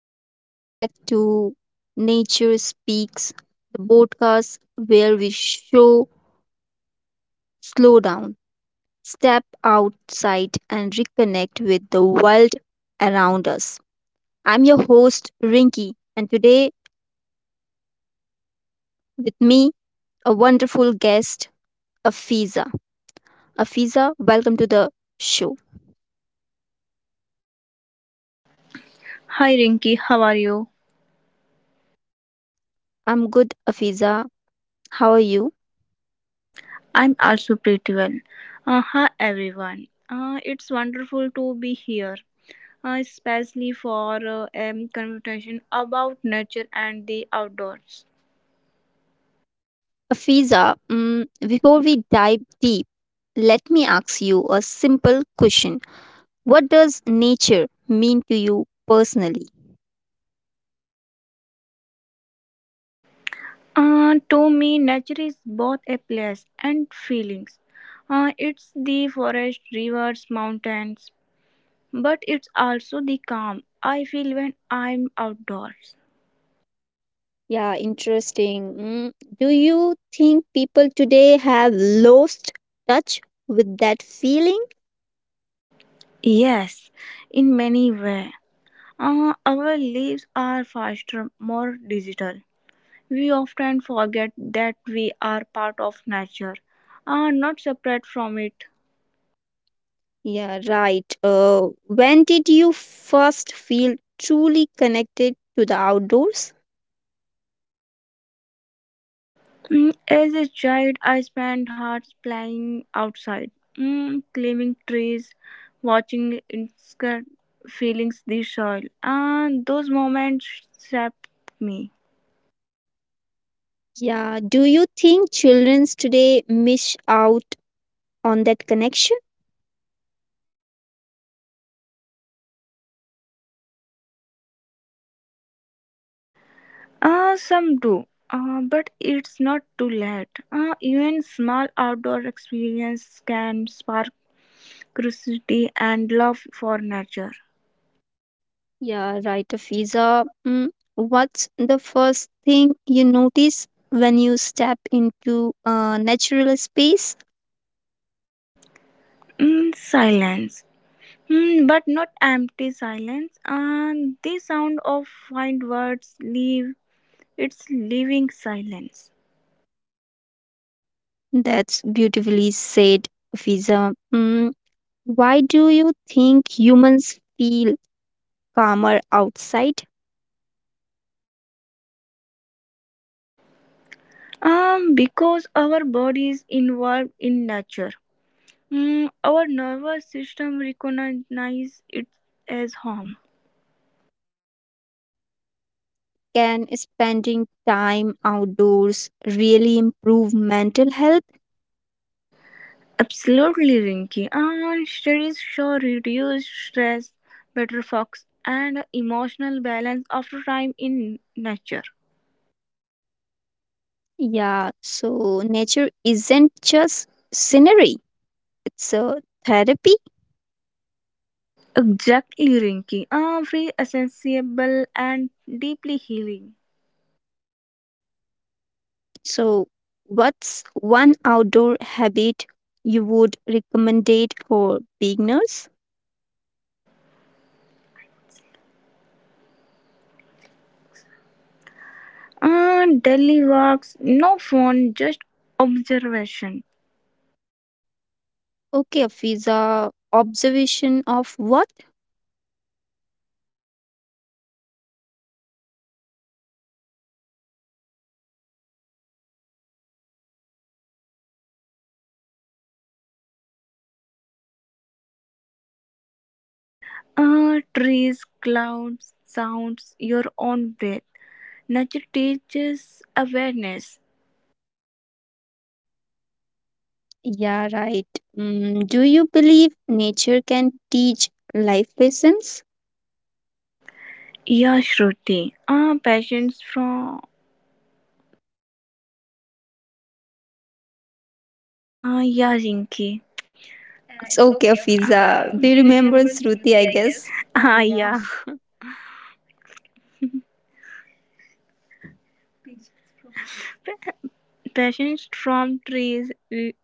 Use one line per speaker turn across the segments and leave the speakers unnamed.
Welcome back to Nature Speaks, the podcast where we show, slow down, step outside, and reconnect with the world around us. I'm your host, Rinky, and today with me, a wonderful guest, Afiza. Afiza, welcome to the show.
Hi Rinky, how are you?
I'm good, Afiza. How are you?
I'm also pretty well. Hi everyone. It's wonderful to be here, especially for a conversation about nature and the outdoors.
Afiza, before we dive deep, let me ask you a simple question. What does nature mean to you personally?
To me, nature is both a place and feelings. It's the forest, rivers, mountains, but it's also the calm I feel when I'm outdoors.
Yeah, interesting. Do you think people today have lost touch with that feeling?
Yes, in many ways. Our lives are faster, more digital. We often forget that we are part of nature, are not separate from it.
Yeah, right. When did you first feel truly connected to the outdoors?
As a child, I spent hours playing outside, climbing trees, watching insects, feeling the soil. And those moments shaped me.
Yeah, do you think children today miss out on that connection?
Some do, but it's not too late. Even small outdoor experience can spark curiosity and love for nature.
Yeah, right, Fiza. What's the first thing you notice when you step into a natural space?
Mm, silence. Mm, but not empty silence. And the sound of find words leave its living silence.
That's beautifully said, Fiza. Why do you think humans feel calmer outside?
Because our body is involved in nature. Our nervous system recognizes it as home.
Can spending time outdoors really improve mental health?
Absolutely, Rinky. And studies show reduced stress, better focus, and emotional balance after time in nature.
Yeah, so nature isn't just scenery, it's a therapy.
Exactly, Rinky. Very accessible, and deeply healing.
So, what's one outdoor habit you would recommend for beginners?
Ah, daily walks, no phone, just observation.
Okay, Fiza, observation of what?
Ah, trees, clouds, sounds, your own breath. Nature teaches awareness.
Yeah, right. Do you believe nature can teach life lessons?
Yeah, Shruti. Ah, patience from. Ah, yeah, Rinky.
It's okay, Fiza. Do you remember Shruti, I guess?
Ah, yeah. Patience from trees,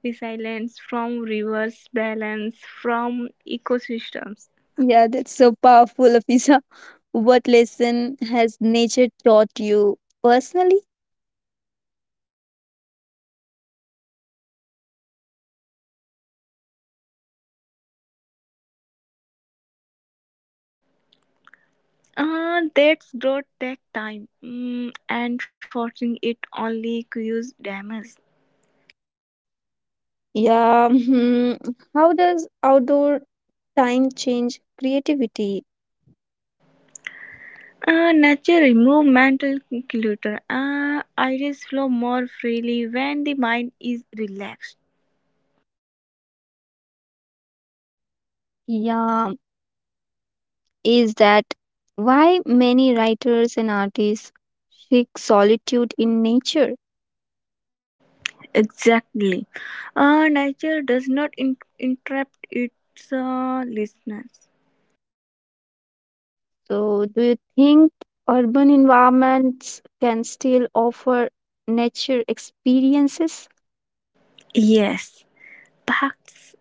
resilience from rivers, balance from ecosystems.
Yeah, that's so powerful, Fiza. What lesson has nature taught you personally?
That's growth take time, and forcing it only cures damage.
Yeah, hmm, how does outdoor time change creativity?
Nature remove mental clutter. Ideas flow more freely when the mind is relaxed.
Yeah, is that why many writers and artists seek solitude in nature?
Exactly. Nature does not interrupt its listeners.
So, do you think urban environments can still offer nature experiences?
Yes, parks,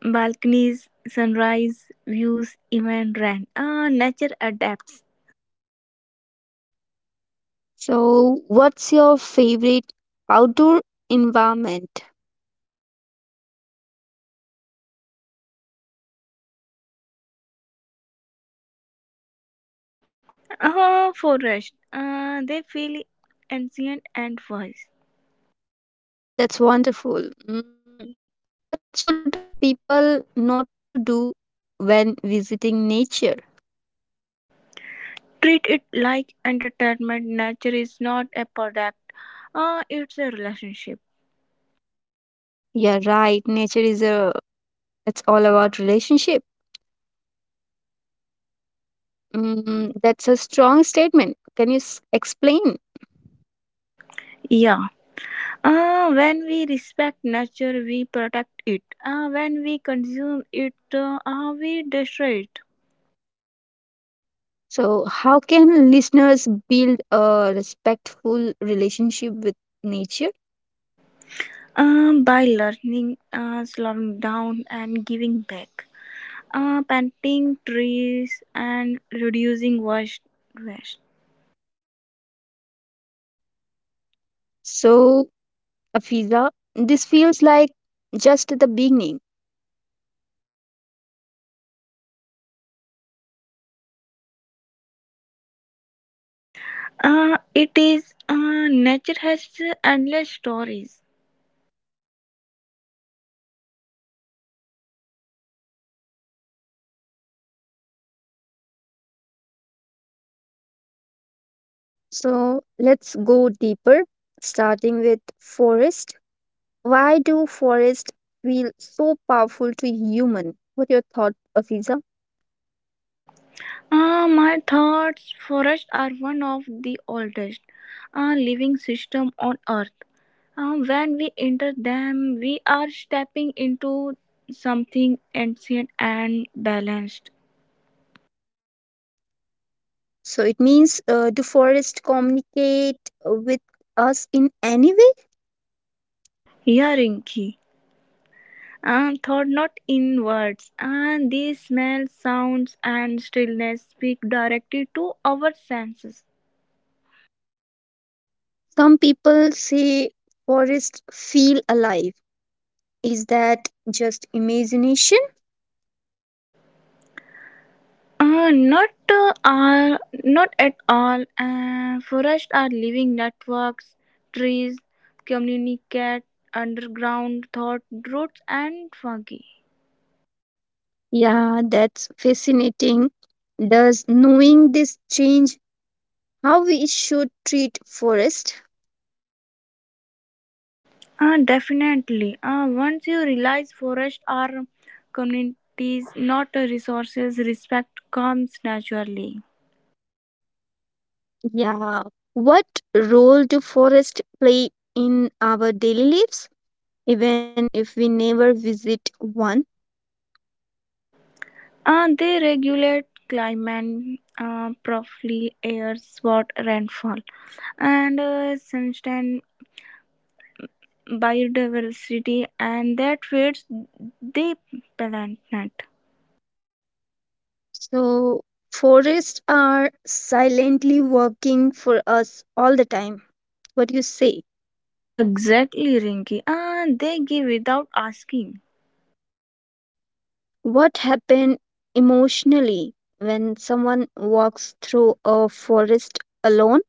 balconies, sunrise views, even rain. Nature adapts.
So, what's your favorite outdoor environment?
Ah, forest. Ah, they feel ancient and wise.
Yeah, that's wonderful. What should people not to do when visiting nature?
Treat it like entertainment. Nature is not a product. It's a relationship.
Yeah, right, nature is a— it's all about relationship. Mm, that's a strong statement. Can you explain?
Yeah. When we respect nature, we protect it. When we consume it, we destroy it.
So, how can listeners build a respectful relationship with nature?
By learning, slowing down, and giving back, planting trees and reducing waste.
So, Afiza, this feels like just the beginning.
It is nature has endless stories.
So, let's go deeper, starting with forest. Why do forests feel so powerful to human? What are your thoughts, Afiza?
My thoughts forests are one of the oldest living system on earth. When we enter them, we are stepping into something ancient and balanced.
So it means, do forests communicate with us in any way?
Yeah, Rinki. Thought not in words. These smells, sounds, and stillness speak directly to our senses.
Some people say forests feel alive. Is that just imagination?
Uh, not uh, all, not at all. Forests are living networks. Trees communicate underground thought roots and fungi.
Yeah, that's fascinating. Does knowing this change how we should treat forest?
Definitely. Once you realize forests are communities, not resources, respect comes naturally.
Yeah. What role do forests play in our daily lives, even if we never visit one?
They regulate climate, properly air, spot rainfall, and sunshine biodiversity and that feeds the planet.
So, forests are silently working for us all the time. What do you say?
Exactly, Rinky. They give without asking.
What happens emotionally when someone walks through a forest alone?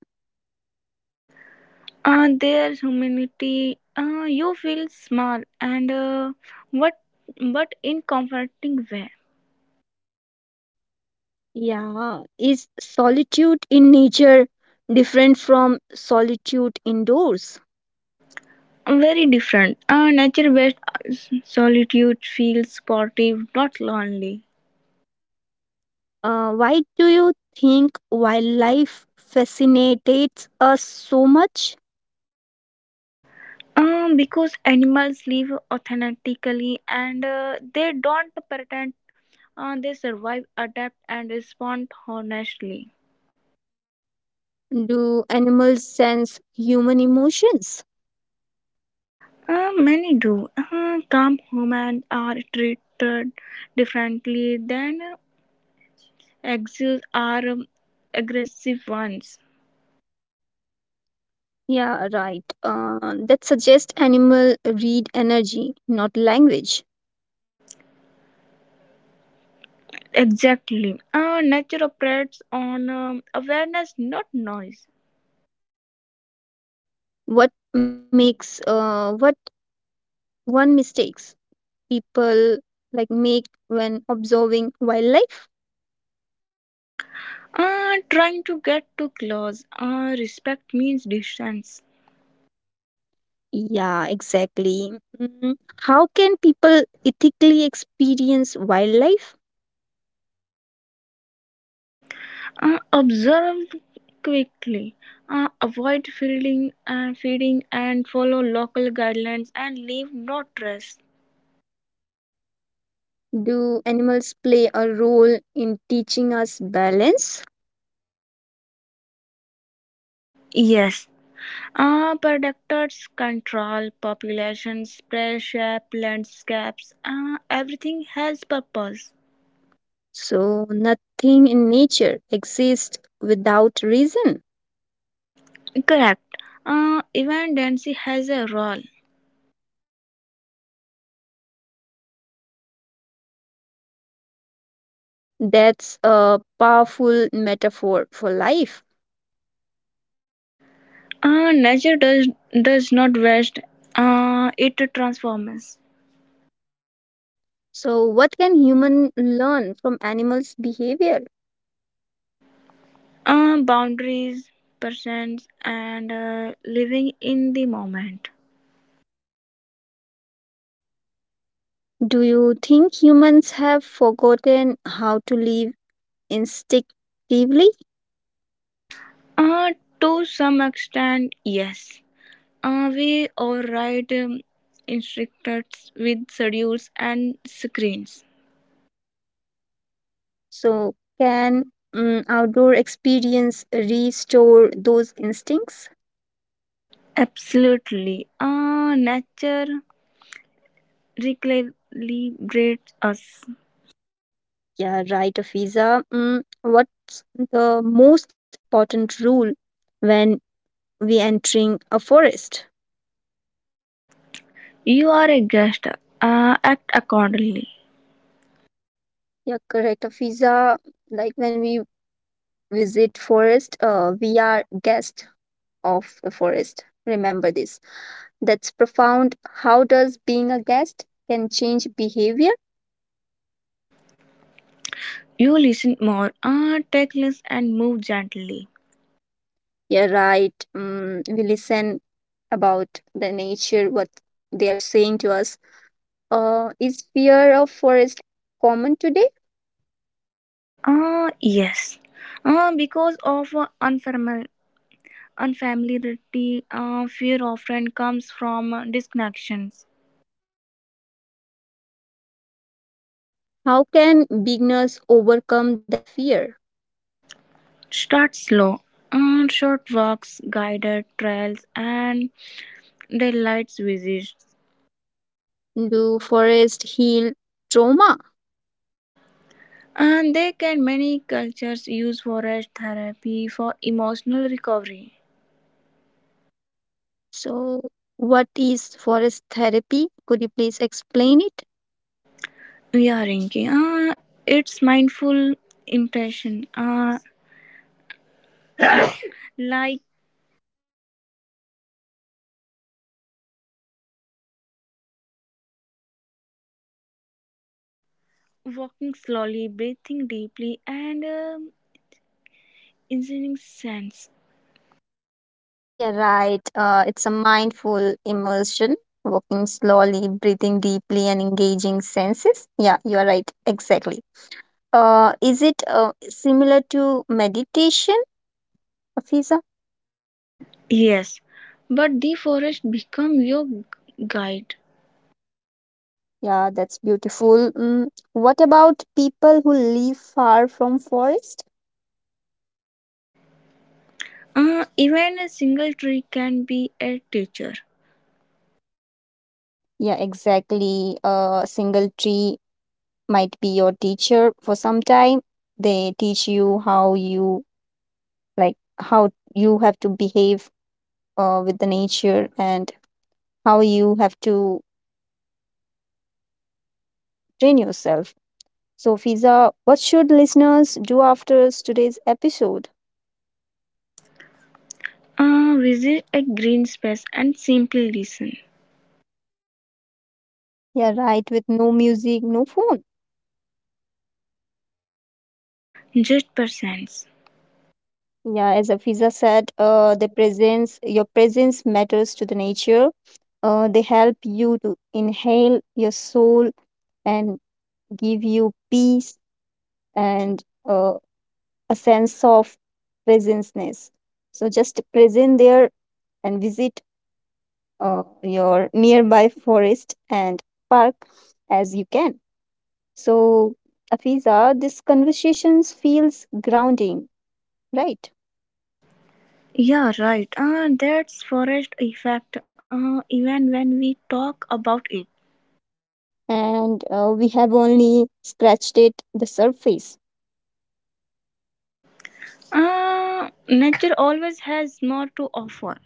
Their humanity, you feel small and what, but in comforting way.
Yeah, is solitude in nature different from solitude indoors?
Very different. Nature-based solitude feels supportive, not lonely.
Why do you think wildlife fascinates us so much?
Because animals live authentically and they don't pretend. They survive, adapt, and respond honestly.
Do animals sense human emotions?
Many do. Calm humans are treated differently than exus are aggressive ones.
Yeah, right. That suggests animal read energy, not language.
Exactly. Nature operates on awareness, not noise.
What one mistakes people like make when observing wildlife?
Trying to get too close. Respect means distance.
Yeah, exactly. Mm, How can people ethically experience wildlife?
Observe quickly. Avoid feeding and follow local guidelines and leave no trace.
Do animals play a role in teaching us balance?
Yes, predators control populations, prey shape, landscapes. Everything has purpose.
So nothing in nature exists without reason.
Correct. Even Dancy has a role.
That's a powerful metaphor for life.
Nature does not waste. It transforms.
So, what can humans learn from animals' behavior?
Boundaries, presence, and living in the moment.
Do you think humans have forgotten how to live instinctively?
Uh, to some extent, yes. We override instructors with schedules and screens.
So, can, outdoor experience restore those instincts?
Absolutely. Nature recalibrates us.
Yeah, right, Afiza. What's the most important rule when we entering a forest?
You are a guest. Act accordingly.
Yeah, correct, Afiza. Like when we visit forest, we are guests of the forest. Remember this. That's profound. How does being a guest can change behavior?
You listen more. Take less and move gently.
Yeah, right. We listen about the nature, what they are saying to us. Is fear of forest common today?
Yes. Because of unfamiliarity, fear often comes from disconnections.
How can beginners overcome that fear?
Start slow. Short walks, guided trails, and daylight visits.
Do forest heal trauma?
And they can many cultures use forest therapy for emotional recovery.
So, what is forest therapy? Could you please explain it?
Yeah, Rinki. It's mindful impression. Like walking slowly, breathing deeply, and engineering sense.
Yeah, right. It's a mindful immersion, walking slowly, breathing deeply, and engaging senses. Yeah, you are right. Exactly. Is it similar to meditation, Afisa?
Yes, but the forest become your guide.
Yeah, that's beautiful. What about people who live far from forest?
Even a single tree can be a teacher.
Yeah, exactly. A single tree might be your teacher for some time. They teach you how you like how you have to behave with the nature and how you have to train yourself. So, Fiza, what should listeners do after today's episode?
Visit a green space and simply listen.
Yeah, right, with no music, no phone.
Just percents.
Yeah, as Afiza said, the presence, your presence matters to the nature. They help you to inhale your soul and give you peace and, uh, a sense of presenceness. So just present there and visit your nearby forest and park as you can. So, Afiza, this conversations feels grounding, right?
Yeah, right. That's forest effect. Even when we talk about it,
And we have only scratched it the surface.
nature always has more to offer.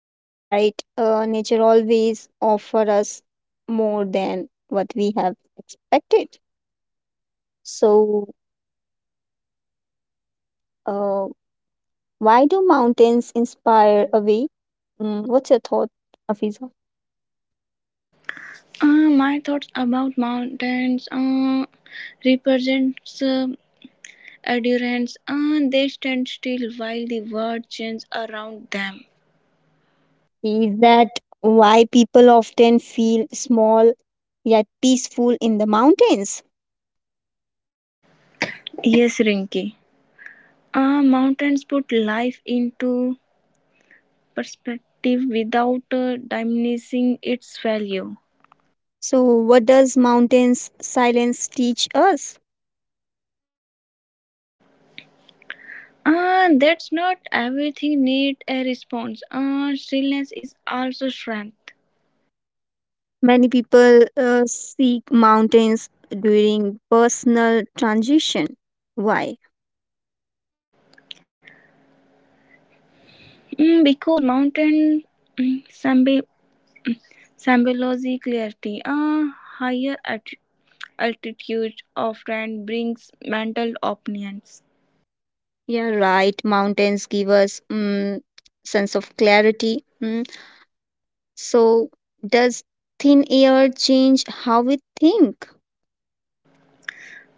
Yeah, right. Nature always offer us more than what we have expected. So, uh, why do mountains inspire away? What's your thought, Afiza?
Uh, my thoughts about mountains represents endurance, and they stand still while the world changes around them.
Is that why people often feel small yet peaceful in the mountains?
Yes, Rinki. Mountains put life into perspective without diminishing its value.
So, what does mountains silence teach us?
That's not everything need a response. Stillness is also strength.
Many people seek mountains during personal transition. Why?
Because mountain mm, symbi- symbology clarity. Higher altitude often brings mental opinions.
Yeah, right. Mountains give us, sense of clarity. Mm. So, does thin air change how we think?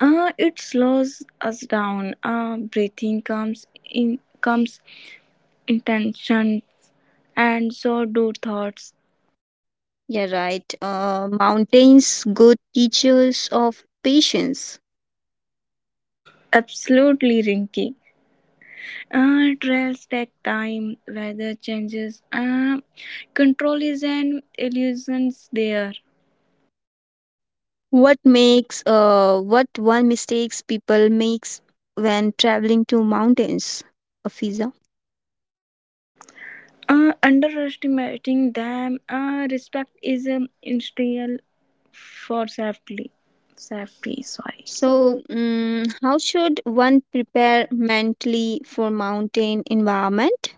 It slows us down. Breathing comes intention, and so do thoughts.
Yeah, right. Mountains, good teachers of patience.
Absolutely, Rinky. Trails take time. Weather changes. Control is an illusion. There.
What one mistakes people makes when traveling to mountains, Afiza?
Underestimating them. Respect is an instill for safety. Safety. Sorry.
So, how should one prepare mentally for mountain environment?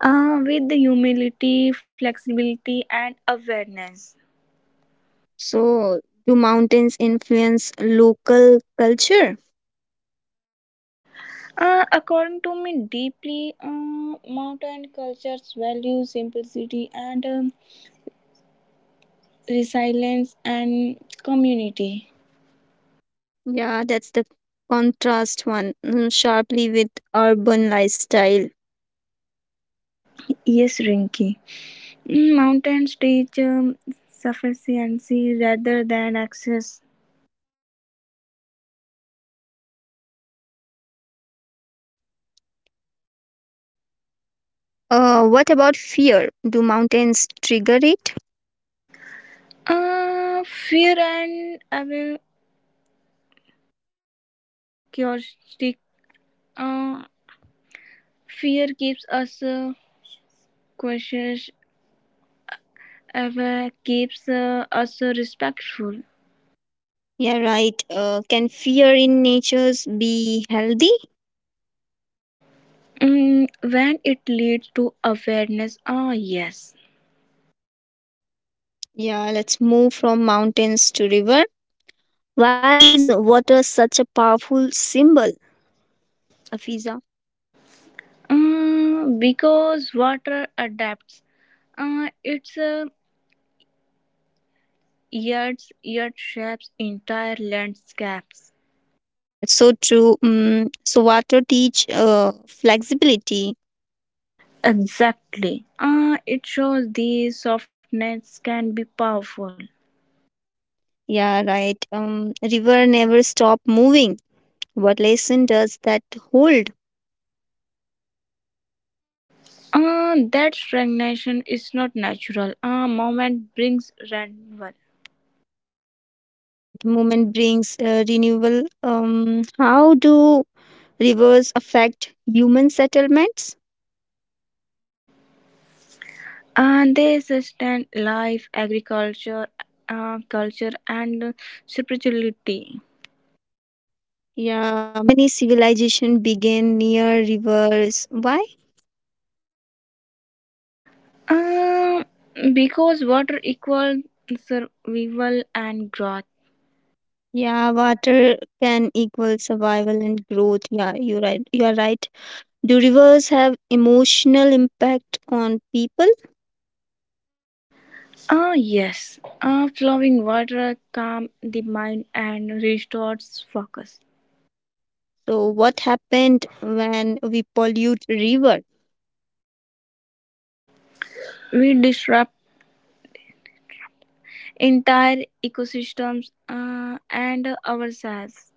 With the humility, flexibility, and awareness.
So, do mountains influence local culture?
According to me, deeply mountain cultures value simplicity and resilience and community.
Yeah, that's the contrast one, sharply with urban lifestyle.
Yes, Rinky. Mountains teach sufficiency rather than excess.
What about fear? Do mountains trigger it?
Fear and our curiosity. Uh, fear keeps us cautious. Ever keeps us respectful.
Yeah, right. Can fear in natures be healthy?
When it leads to awareness, ah, yes.
Yeah, let's move from mountains to river. Why is water such a powerful symbol, Afiza?
Because water adapts, its yard shapes entire landscapes.
Yeah, that's so true. Mm, so water teach flexibility.
Exactly. It shows the softness can be powerful.
Yeah, right. River never stop moving. What lesson does that hold?
That stagnation is not natural. A moment brings renewal.
Yeah, you're right. Movement brings renewal. How do rivers affect human settlements?
And they sustain life, agriculture, culture, and spirituality.
Yeah, many civilization began near rivers. Why?
Um, because water equals survival and growth.
Yeah, water can equal survival and growth. Yeah, you're right. You are right. Do rivers have emotional impact on people?
Ah, yes. Flowing water calms the mind and restores focus.
So what happened when we pollute river?
We disrupt entire ecosystems and ourselves.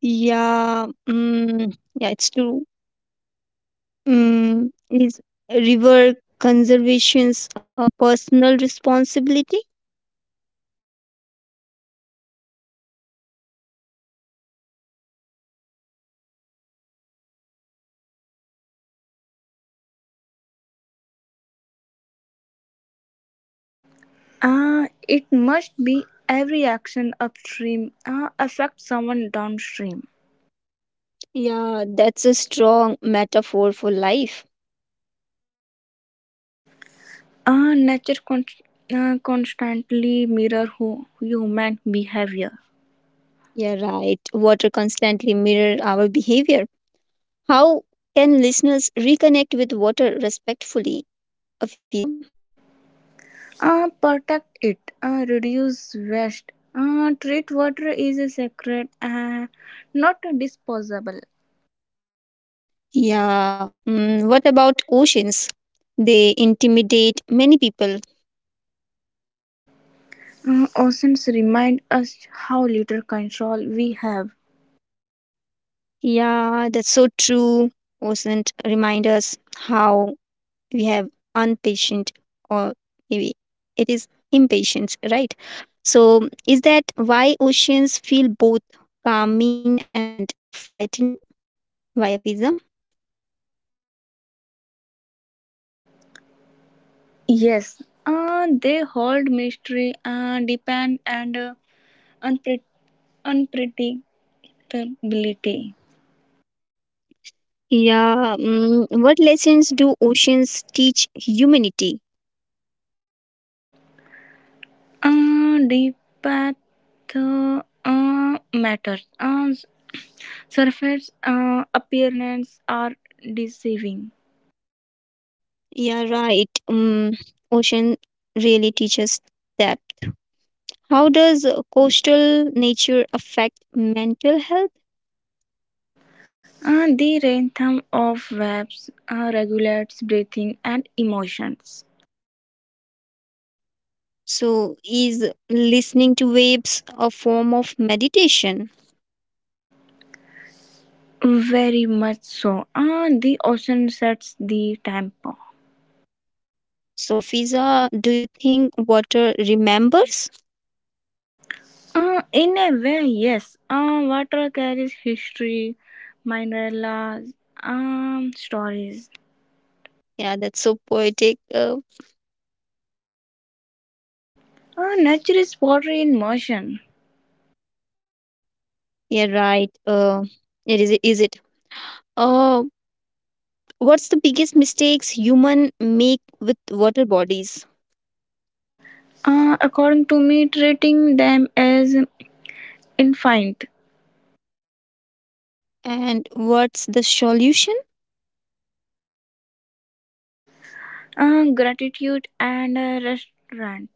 Yeah, mm, yeah, it's true. Is river conservation's personal responsibility?
It must be every action upstream affects someone downstream.
Yeah, that's a strong metaphor for life.
Nature constantly mirror human behavior.
Yeah, right. Water constantly mirror our behavior. How can listeners reconnect with water respectfully, Afiza?
Protect it, reduce waste, treat water is a sacred and not a disposable.
Yeah. What about oceans? They intimidate many people.
Oceans remind us how little control we have.
Yeah, that's so true. Oceans remind us how we have unpatient, or maybe it is impatience, right? So is that why oceans feel both calming and frightening, via Fiza?
Yes, they hold mystery, depend, and unpre- unpredictability.
Yeah. What lessons do oceans teach humanity?
Deep path matters. Surface appearance are deceiving.
Yeah, right. Ocean really teaches depth. How does coastal nature affect mental health?
The rhythm of waves regulates breathing and emotions.
So, is listening to waves a form of meditation?
Very much so. The ocean sets the tempo.
So, Fiza, do you think water remembers?
In a way, yes. Water carries history, minerals, stories.
Yeah, that's so poetic.
Nature is pottery in motion.
Yeah, right. It is. Is it? Uh, what's the biggest mistakes human make with water bodies,
According to me, treating them as infinite.
and what's the solution?
Gratitude and restaurant.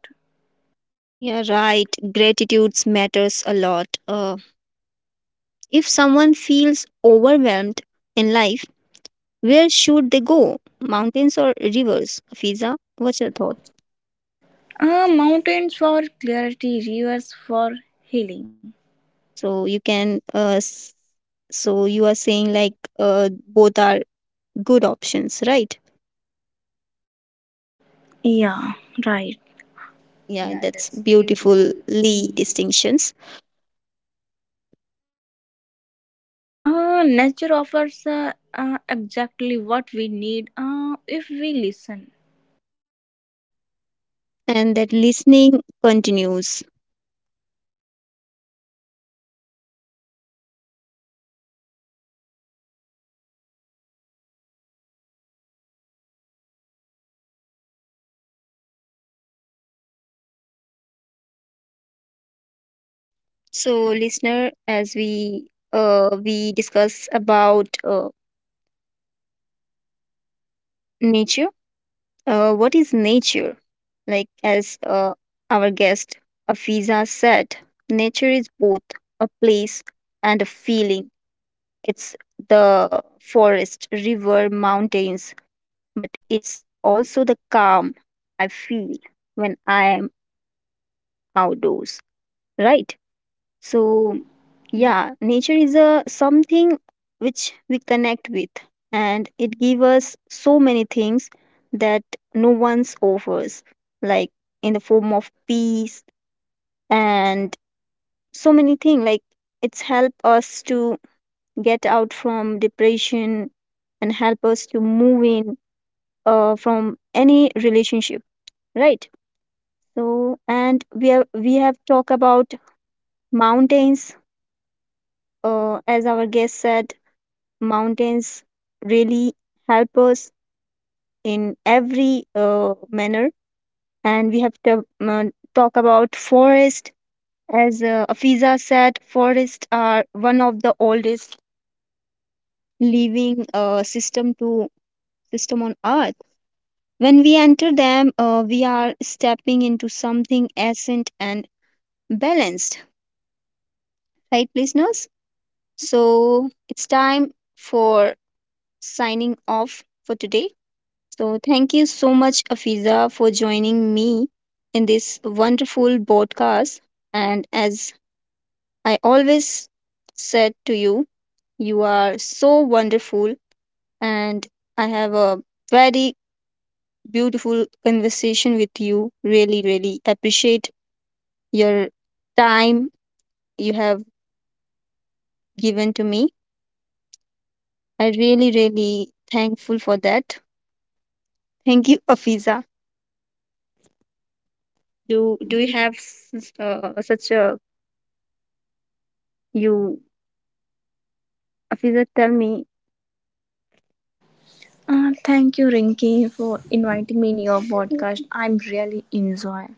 Yeah, right. Gratitudes matters a lot. If someone feels overwhelmed in life, where should they go? Mountains or rivers? Fiza, what's your thought?
Ah, mountains for clarity, rivers for healing.
So you can, so you are saying like, both are good options, right?
Yeah, right.
Yeah, that's beautifully distinctions.
Nature offers exactly what we need if we listen.
And that listening continues. So listener, as we, we discuss about, nature, what is nature? Like as, our guest Afiza said, nature is both a place and a feeling. It's the forest, river, mountains, but it's also the calm I feel when I am outdoors, right? So, yeah, nature is a something which we connect with and it gives us so many things that no one's offers, like in the form of peace and so many things, like it's help us to get out from depression and help us to move in, from any relationship, right? So, and we have talked about mountains, as our guest said, mountains really help us in every, manner. And we have to, talk about forest, as, Afiza said, forests are one of the oldest living, system on earth. When we enter them, we are stepping into something essent and balanced, right, listeners? So it's time for signing off for today. So thank you so much, Afiza, for joining me in this wonderful podcast. And as I always said to you, you are so wonderful, and I have a very beautiful conversation with you. Really, really appreciate your time you have given to me. I really, really thankful for that. Thank you, Afiza. Do you have such a you, Afiza? Tell me.
Thank you, Rinki, for inviting me in your podcast. I'm really enjoy.